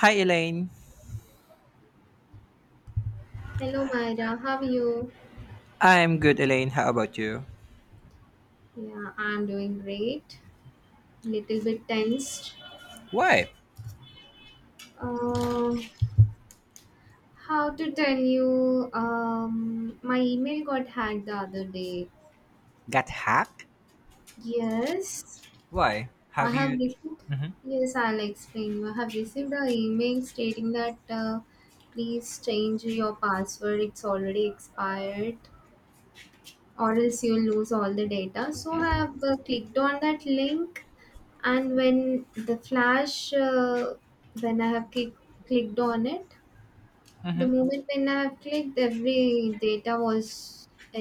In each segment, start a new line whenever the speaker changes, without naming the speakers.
Hi, Elaine.
Hello, Myra. How are you?
I'm good, Elaine. How about you?
Yeah, I'm doing great. Little bit tensed.
Why?
Uh, how to tell you? My email got hacked the other day.
Got hacked?
Yes,
Why?
I
Have
have
you.
received.
Mhm,
Yes, I'll explain you. I have received an email stating that please change your password. It's already expired, or else you'll lose all the data. So I have clicked on that link, and when the flash when I have clicked on it, the
mhm.
moment when I have clicked, every data was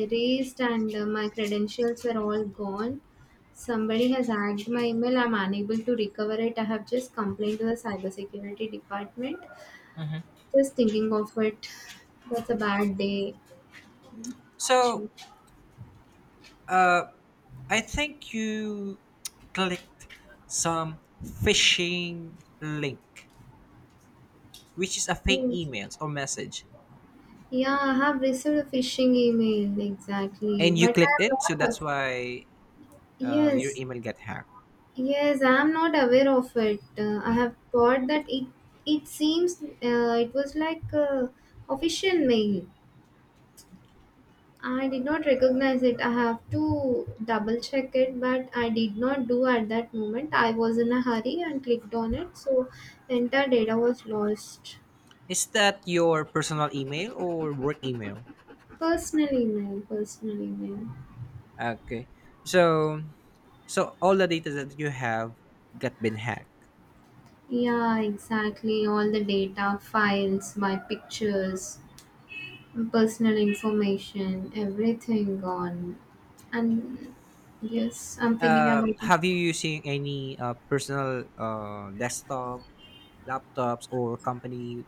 erased, and my credentials were all gone. Somebody has hacked my email. I'm unable to recover it. I have just complained to the cybersecurity department, just thinking of it. That's a bad day.
So,
Actually,
I think you clicked some phishing link, which is a fake
yes.
email or message.
Yeah, I have received a phishing email exactly,
And you
but
clicked
I'm
it, so
not
that's
a-
why your
yes.
email got hacked.
Yes, I'm not aware of it. I have thought that it seems it was like a official mail. I did not recognize it. I have to double check it, but I did not do at that moment. I was in a hurry and clicked on it, so the entire data was lost.
Is that your personal email or work email?
Personal email, personal email.
Okay. So, so, all the data that you have got been hacked.
Yeah, exactly. All the data, files, my pictures, personal information, everything gone. And yes, I'm thinking about it.
Have you using any personal desktop laptops or company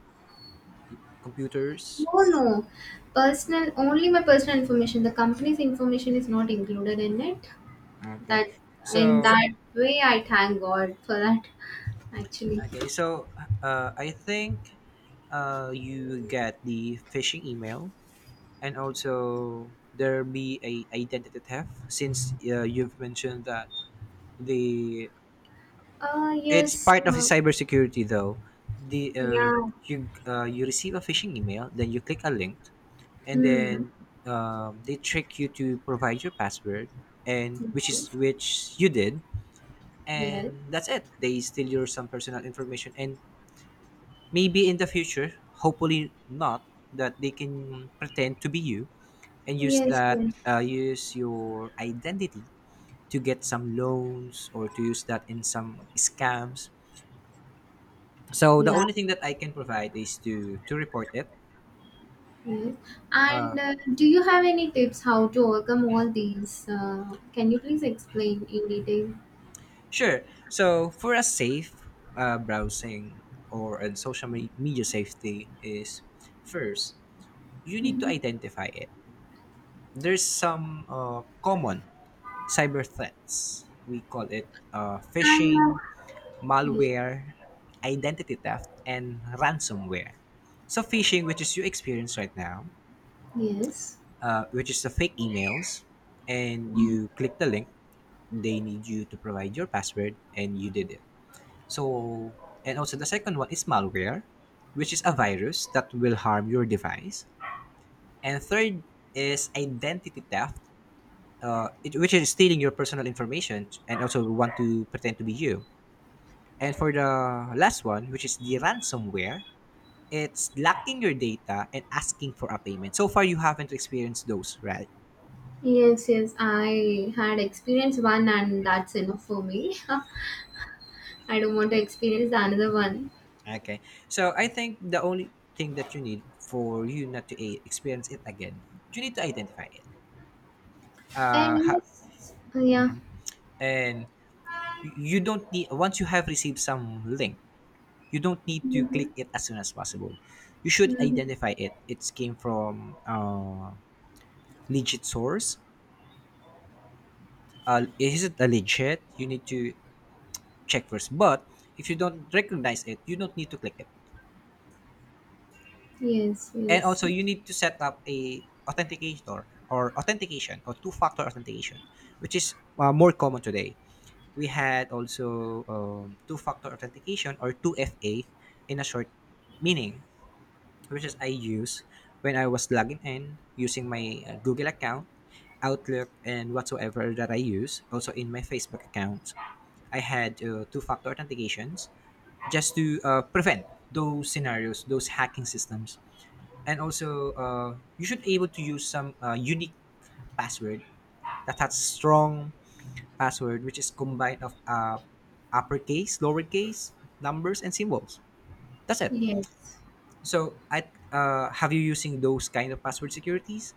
computers?
No, no. Personal, only my personal information. The company's information is not included in it.
okay
That In
so
that way, I thank God for that. Actually,
okay so I think you get the phishing email, and also there be a identity theft since you've mentioned that the.
uh,
It's
yes,
part of the
uh,
cybersecurity, though. The
yeah,
you you receive a phishing email, then you click a link, and
hmm,
then they trick you to provide your password, and which is
yes,
which you did,
yes,
and that's it. They steal your some personal information, and maybe in the future, hopefully not, that they can pretend to be you and use
yes,
that
yes,
use your identity to get some loans or to use that in some scams. So the
yeah.
only thing that I can provide is to report it.
Yes. And do you have any tips how to overcome all these? Can you please explain in detail?
Sure. So for a safe browsing or and social media safety is first you need to
Mhm.
identify it. There's some common cyber threats. We call it
And
phishing,
ye-
malware, identity theft, and ransomware. So phishing, which is you experience right now,
yes.
which is the fake emails, and
Mhm.
you click the link, they need you to provide your password and you did it, so. And also the second one is malware, which is a virus that will harm your device. And third is identity theft, which is stealing your personal information and also want to pretend to be you. And for the last one, which is the ransomware, it's locking your data and asking for a payment. So far you haven't experienced those, right?
Yes, yes, I had experienced one, and that's enough for me. I don't want to experience the another one.
Okay. So I think the only thing that you need for you not to experience it again, you need to identify it.
And
Uh, ha-
yes, yeah.
and you don't need once you have received some link, you don't need to
Mm-hmm.
click it as soon as possible. You should
Mm-hmm.
identify it. It came from legit source. Is it a legit? You need to check first. But if you don't recognize it, you don't need to click it.
Yes,
And also
yes,
you need to set up a authenticator or authentication or two-factor authentication, which is more common today. We had also two-factor authentication or 2FA in a short meaning, which is I use when I was logging in using my Google account, Outlook and whatsoever that I use also in my Facebook account. I had two-factor authentications just to prevent those scenarios, those hacking systems. And also you should able to use some unique password that has strong password, which is combined of uppercase lowercase numbers and symbols. That's it.
yes.
So I have you using those kind of password securities?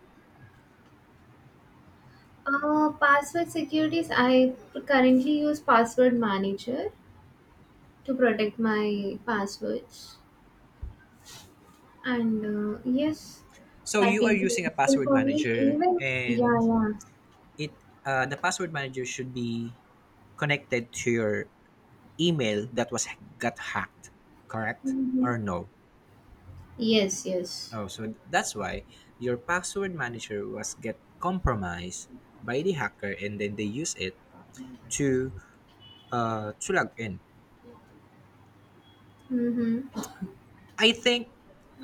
Password securities. I currently use password manager to protect my passwords. And yes,
So
that
you are
will be
using a
useful
password
for me.
manager,
Even yeah,
and
yeah.
it the password manager should be connected to your email that was got hacked, correct
Hmm.
or no?
Yes, yes.
Oh, so that's why your password manager was get compromised by the hacker, and then they use it to to log in.
Mm-hmm.
I think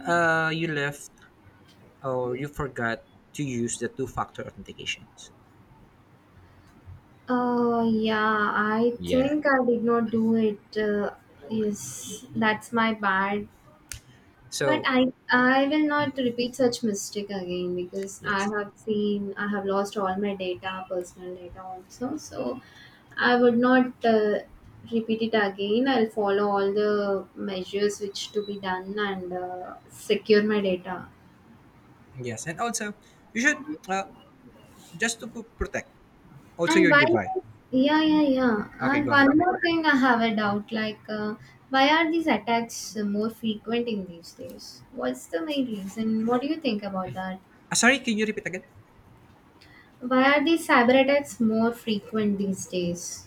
you left or you forgot to use the two-factor authentications.
Yeah, I
Yeah.
think I did not do it. Yes, that's my bad. But
So
I will not repeat such mistake again, because I
yes,
have seen I have lost all my data, personal data also. So I would not repeat it again. I'll follow all the measures which to be done and secure my data.
yes, and also you should just to protect also
And
your
why?
device.
Yeah, yeah, yeah.
Okay,
And
go ahead.
one more thing, I have a doubt. Why are these attacks more frequent in these days? What's the main reason? What do you think about that?
Ah, sorry, can you repeat again?
Why are these cyber attacks more frequent these days?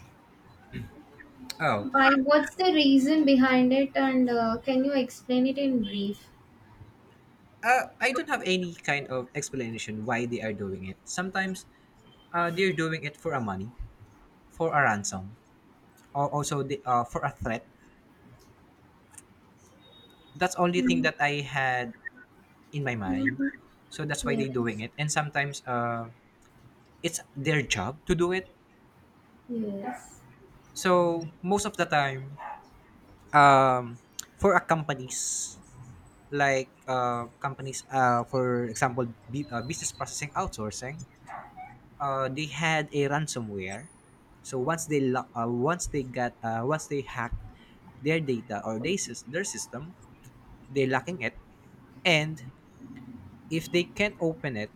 Oh,
Why? What's the reason behind it, and can you explain it in brief?
I don't have any kind of explanation why they are doing it. Sometimes they're doing it for a money, for a ransom, or also for a threat. That's only thing
Mm-hmm.
that I had in my mind. So that's why they're doing
Yes,
it. And sometimes it's their job to do it.
yes,
So most of the time, um, for a companies, like companies, for example, business processing outsourcing, they had a ransomware. So once they once they got once they hacked their data or their system, they're lacking it. And if they can't open it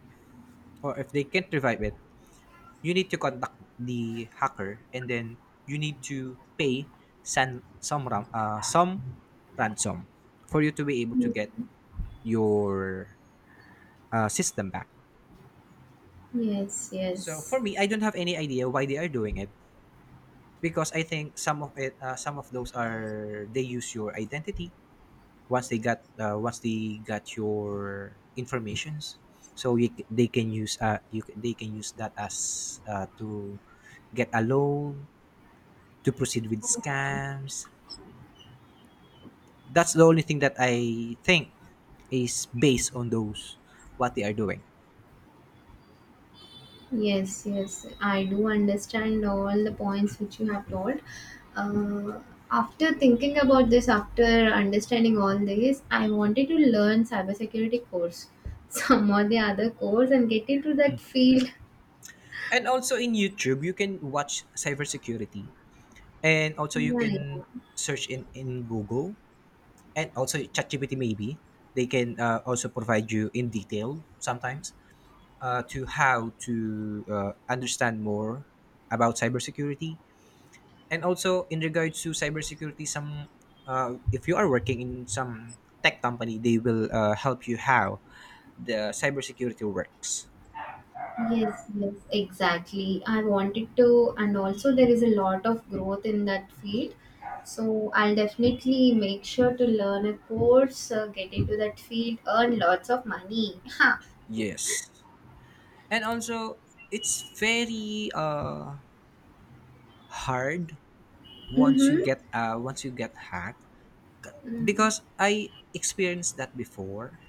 or if they can't revive it, you need to contact the hacker and then you need to pay some ransom for you to be able to get your system back.
yes,
So
yes.
for me, I don't have any idea why they are doing it, because I think some of it, some of those are they use your identity, once they got your informations, so you, they can use they can use that as to get a loan, to proceed with scams. That's the only thing that I think is based on those what they are doing.
Yes, yes, I do understand all the points which you have told. Uh, After thinking about this, after understanding all this, I wanted to learn cybersecurity course, some or the other course, and get into that field.
And also in YouTube you can watch cybersecurity, and also you
Yeah, yeah.
can search in Google, and also ChatGPT maybe. They can also provide you in detail sometimes, to how to understand more about cybersecurity. And also in regards to cybersecurity, some if you are working in some tech company, they will help you how the cybersecurity works.
Yes, yes, exactly. I wanted to, and also there is a lot of growth in that field. So I'll definitely make sure to learn a course, get into that field, earn lots of money. Huh.
Yes, and also it's very hard
Mm-hmm.
once you get hacked,
Mm.
because I experienced that before.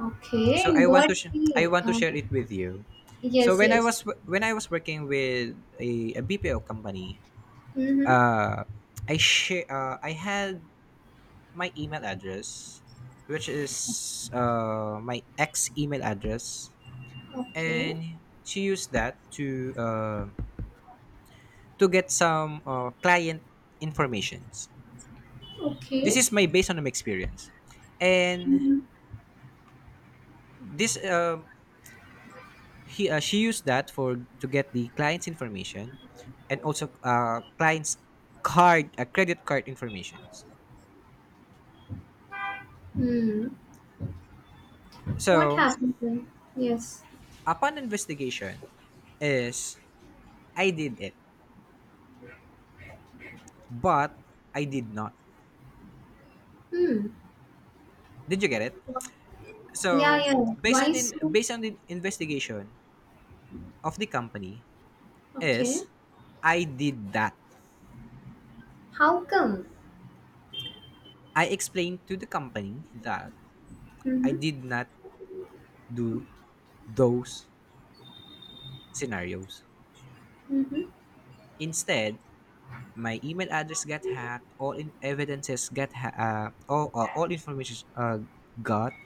Okay,
So
in
I want
what
to I
field?
want to share it with you. So
Yes,
when I
yes.
was when I was working with a BPO company,
Mm-hmm.
uh, I I had my email address, which is my ex email address,
Okay,
and she used that to uh, to get some client informations. This
okay.
is my based on my experience, and
Mm-hmm.
this he she used that for to get the client's information, and also client's card credit card informations.
Mm. What
So
happened then? Yes.
upon investigation is, I did it but I did not.
Hmm.
Did you get it?
Yeah,
So
yeah.
based
Why
on the
so?
based on the investigation of the company
Okay.
is, I did that.
How come?
I explained to the company that I
Mm-hmm.
did not do those scenarios.
Mm-hmm.
Instead, my email address got hacked, all in evidences got all information got.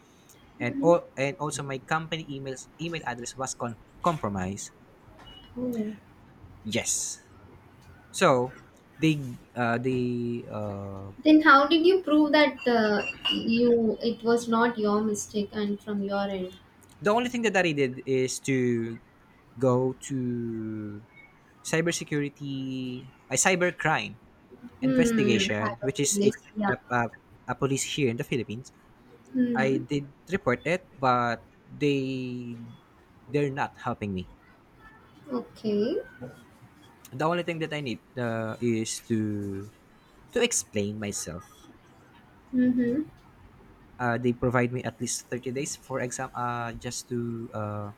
And
Mm-hmm.
all and also my company email address was compromised.
Oh.
Yes, so they uh, they uh,
Then how did you prove that you it was not your mistake and from your end?
the only thing that I did is to go to cybersecurity, a cybercrime
Hmm.
investigation,
Have a
which
good
is
list. Yeah.
a, a, a police here in the Philippines. I
Hmm.
did report it, but they're not helping me.
Okay.
The only thing that I need is to explain myself.
Mm-hmm.
They provide me at least 30 days for exam. Just to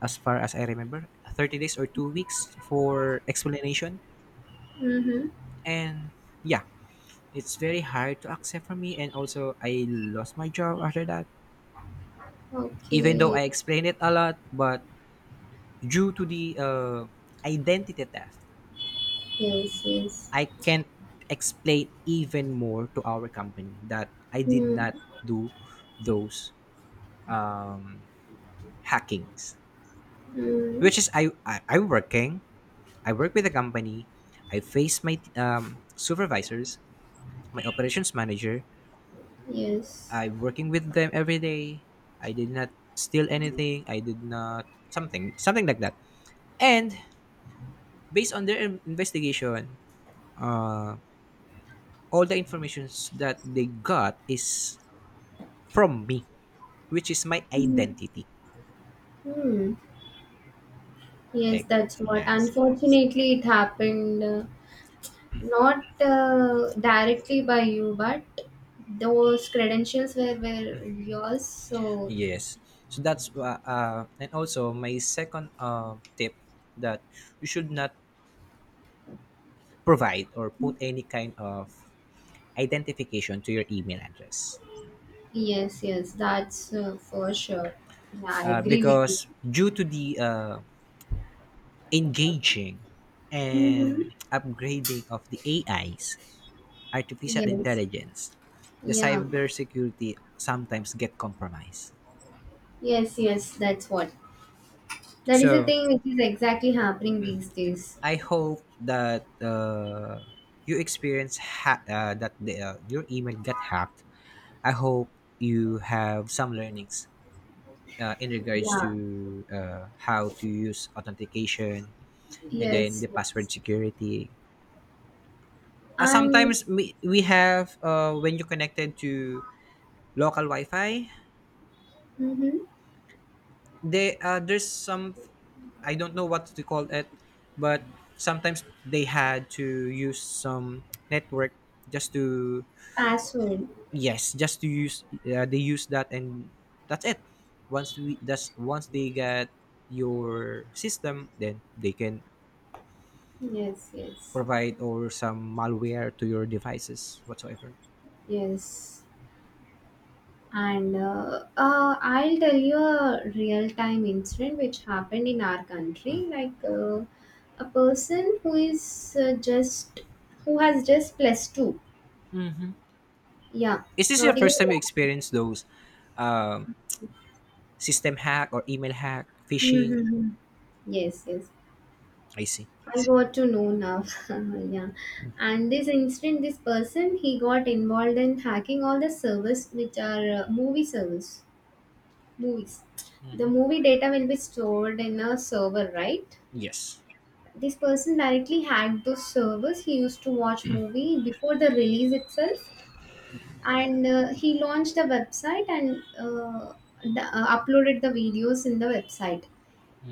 As far as I remember, 30 days or 2 weeks for explanation.
Mm-hmm.
And yeah, it's very hard to accept for me. And also, I lost my job after that. Even though
Okay.
I explained it a lot, but due to the identity theft,
Yes. Yes.
I can't explain even more to our company that I did
Hmm.
not do those um, hackings,
Hmm.
which is I work with a company, I face my supervisors, my operations manager.
Yes.
I'm working with them every day. I did not steal anything. I did not something something like that. And based on their investigation, uh, all the informations that they got is from me, which is my identity.
Hmm. Yes.
Ex-
That's what.
Yes,
Unfortunately, it happened. Not directly by you, but those credentials were yours. So,
yes. So that's and also my second tip that you should not provide or put any kind of identification to your email address,
yes, yes, that's for sure. Yeah, I agree with you.
because due to the engaging
Mm-hmm.
and upgrading of the AIs, artificial
Yes.
intelligence, the
Yeah.
cybersecurity sometimes get compromised.
Yes, yes, that's what. That is a
So
thing which is exactly happening these days.
I hope that you experience that the, your email got hacked. I hope you have some learnings in regards
Yeah.
to how to use authentication and then
Yes,
the
yes.
password security.
And
Sometimes we have when you connected to local Wi-Fi,
mm-hmm.
they there's some, I don't know what to call it, but sometimes they had to use some network just to
Password.
yes, just to use they use that and that's it, once we that's once they get your system, then they can
Yes, yes.
provide or some malware to your devices whatsoever.
Yes. And I'll tell you a real time incident which happened in our country. A person who is just who has just plus two.
Hmm.
Yeah,
Is this your
not even.
first time you experience those um, system hack or email hack phishing?
Mm-hmm. Yes, yes.
I see.
I got to know now. Yeah. And this incident, this person, he got involved in hacking all the servers which are movie servers, movies. The movie data will be stored in a server, right?
Yes.
This person directly hacked those servers. He used to watch movie before the release itself, and he launched a website, and uploaded the videos in the website.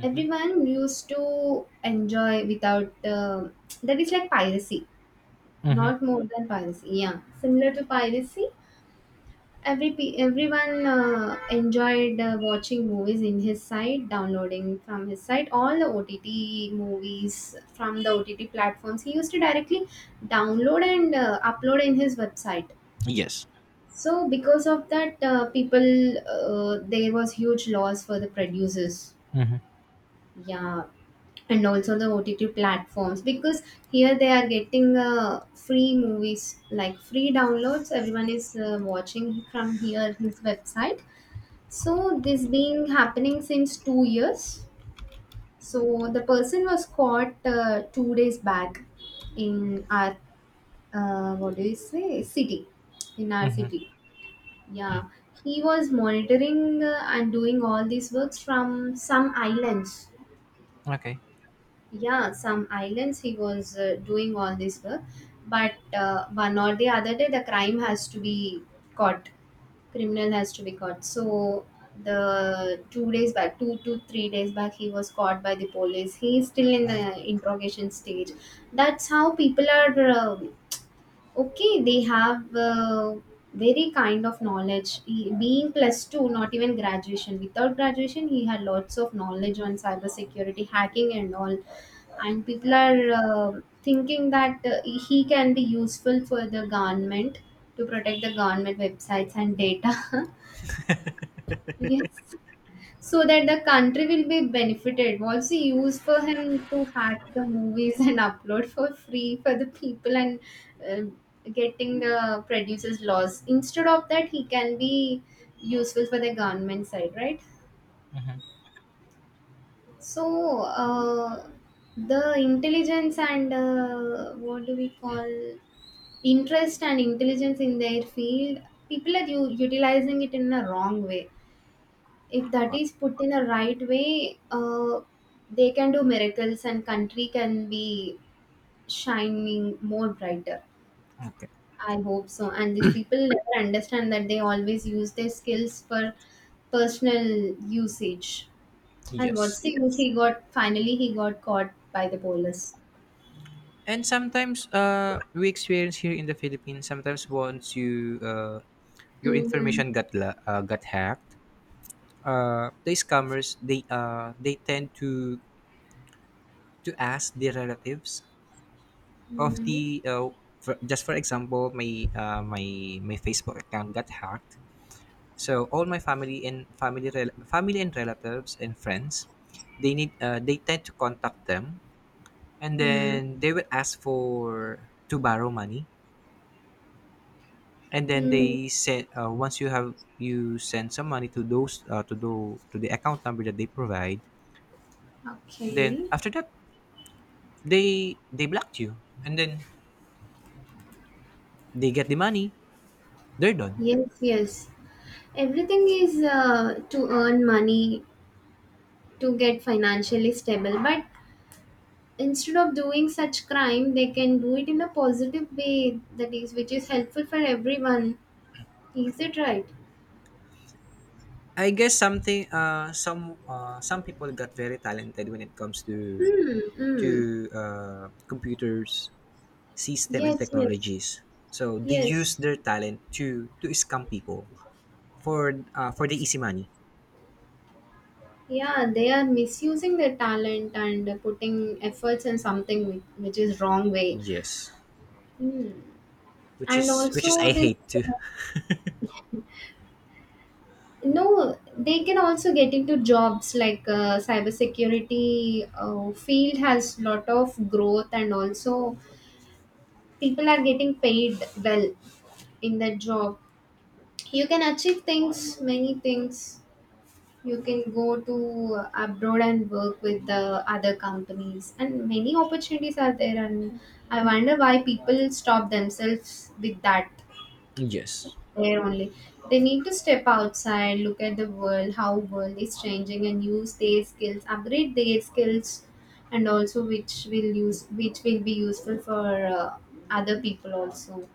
Everyone used to enjoy without that is like piracy,
Mm-hmm.
not more than piracy. Yeah, similar to piracy. Everyone enjoyed watching movies in his site, downloading from his site all the OTT movies from the OTT platforms. He used to directly download and upload in his website.
Yes.
So because of that, people, there was huge loss for the producers.
Mm-hmm.
Yeah, and also the OTT platforms, because here they are getting free movies like free downloads. Everyone is watching from here his website, so this been happening since 2 years. So the person was caught 2 days back in our what do you say city, in our
Mm-hmm.
city. Yeah, he was monitoring and doing all these works from some islands.
Okay.
Yeah, some islands he was doing all this work, but one or the other day the crime has to be caught, criminal has to be caught. So the 2 days back, 2 to 3 days back, he was caught by the police. He is still in the interrogation stage. That's how people are okay, they have very kind of knowledge. He, being plus two, not even graduation. Without graduation, he had lots of knowledge on cybersecurity, hacking, and all. And people are thinking that he can be useful for the government to protect the government websites and data. Yes, so that the country will be benefited. Also, used for him to hack the movies and upload for free for the people, and uh, getting the producers loss. Instead of that, he can be useful for the government side, right?
Mm-hmm.
So, the intelligence and what do we call interest and intelligence in their field, people are utilizing it in a wrong way. If that
But.
is put in a right way, they can do miracles and country can be shining more brighter.
Okay.
I hope so. And these people never understand that they always use their skills for personal usage. And what's
Yes.
the use he got? Finally, he got caught by the police.
And sometimes we experience here in the Philippines, sometimes once you your
Mm-hmm.
information got got hacked, the scammers they tend to ask the relatives of
Mm-hmm.
the for, just for example, my Facebook account got hacked. So all my family and family and relatives and friends, they tend to contact them, and
Mm.
then they would ask for to borrow money, and then
Mm.
they send once you have you send some money to those to the account number that they provide, then
Okay.
after that they blocked you and then they get the money, they're done.
Yes, yes. Everything is to earn money, to get financially stable, but instead of doing such crime, they can do it in a positive way, that is which is helpful for everyone, is it right?
I guess some people got very talented when it comes
Hmm. Mm.
to computers, system and
Yes, yes,
technologies. So they use
yes.
their talent to scam people for the easy money.
Yeah, they are misusing their talent and putting efforts in something which is wrong way.
Yes.
Hmm.
which
And
is which is
also
I
this,
hate too.
uh, no, they can also get into jobs like cybersecurity field has lot of growth, and also people are getting paid well in that job. You can achieve things, many things. You can go to abroad and work with the other companies, and many opportunities are there, and I wonder why people stop themselves with that
Yes.
there only. They need to step outside, look at the world how world is changing, and use their skills, upgrade their skills, and also which will use which will be useful for other people also.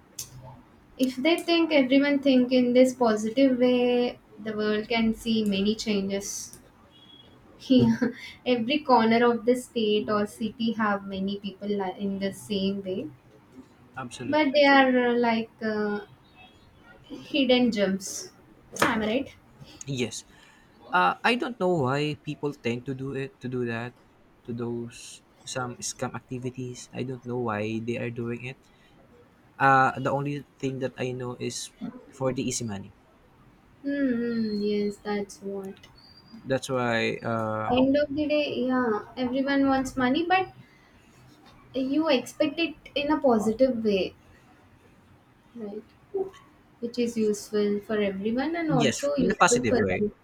If they think, everyone think in this positive way, the world can see many changes. Yeah, every corner of the state or city have many people in the same way,
Absolute.
but they are hidden gems. Am I right?
Yes. I don't know why people tend to do it, to do that, to those some scam activities. I don't know why they are doing it. The only thing that I know is for the easy money.
Hmm. Yes, that's what.
That's why,
End of the day, yeah, everyone wants money, but you expect it in a positive way, right? It is useful for everyone and
yes,
also
in a
useful
positive
for
way.
you.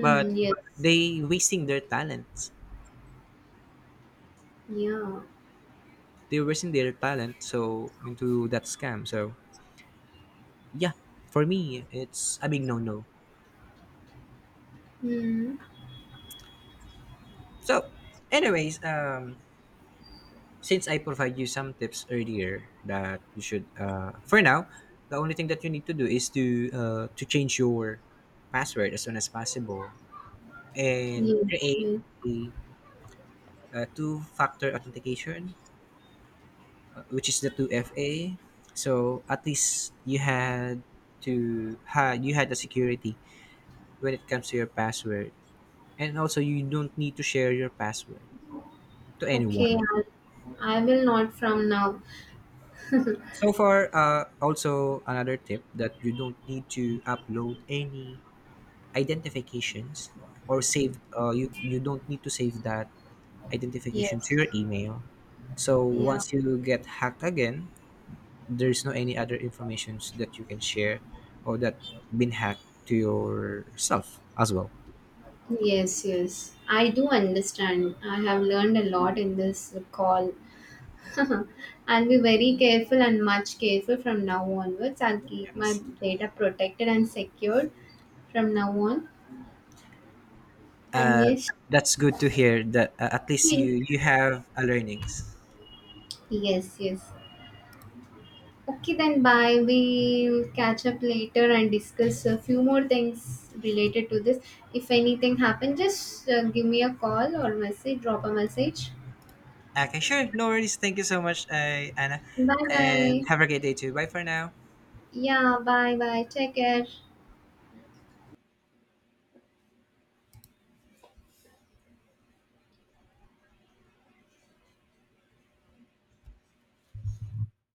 But
Yes.
they wasting their talents.
Yeah.
They're wasting their talent so into that scam. So yeah, for me, it's a big no-no.
Hmm.
So, anyways, since I provide you some tips earlier that you should, for now, the only thing that you need to do is to change your password as soon as possible and
Yes.
create
Yes.
a two-factor authentication, which is the 2FA. So at least you had the security when it comes to your password, and also you don't need to share your password to
Okay.
anyone.
I'll, I will not from now.
So far, also another tip that you don't need to upload any identifications or save. You don't need to save that identification to
Yes.
your email. So
Yeah.
once you get hacked again, there's no any other informations that you can share or that been hacked to yourself as well.
Yes. Yes, I do understand. I have learned a lot in this call. I'll be very careful and much careful from now onwards. I'll keep my
Yes.
data protected and secured from now on. And yes,
That's good to hear that at least
yes,
you have a learnings.
yes. Okay, then bye. We'll catch up later and discuss a few more things related to this. If anything happens, just give me a call or message, drop a message.
Okay, sure, no worries. Thank you so much, Anna,
Bye
and have
bye.
a great day too. Bye for now.
Yeah, bye bye. Take care.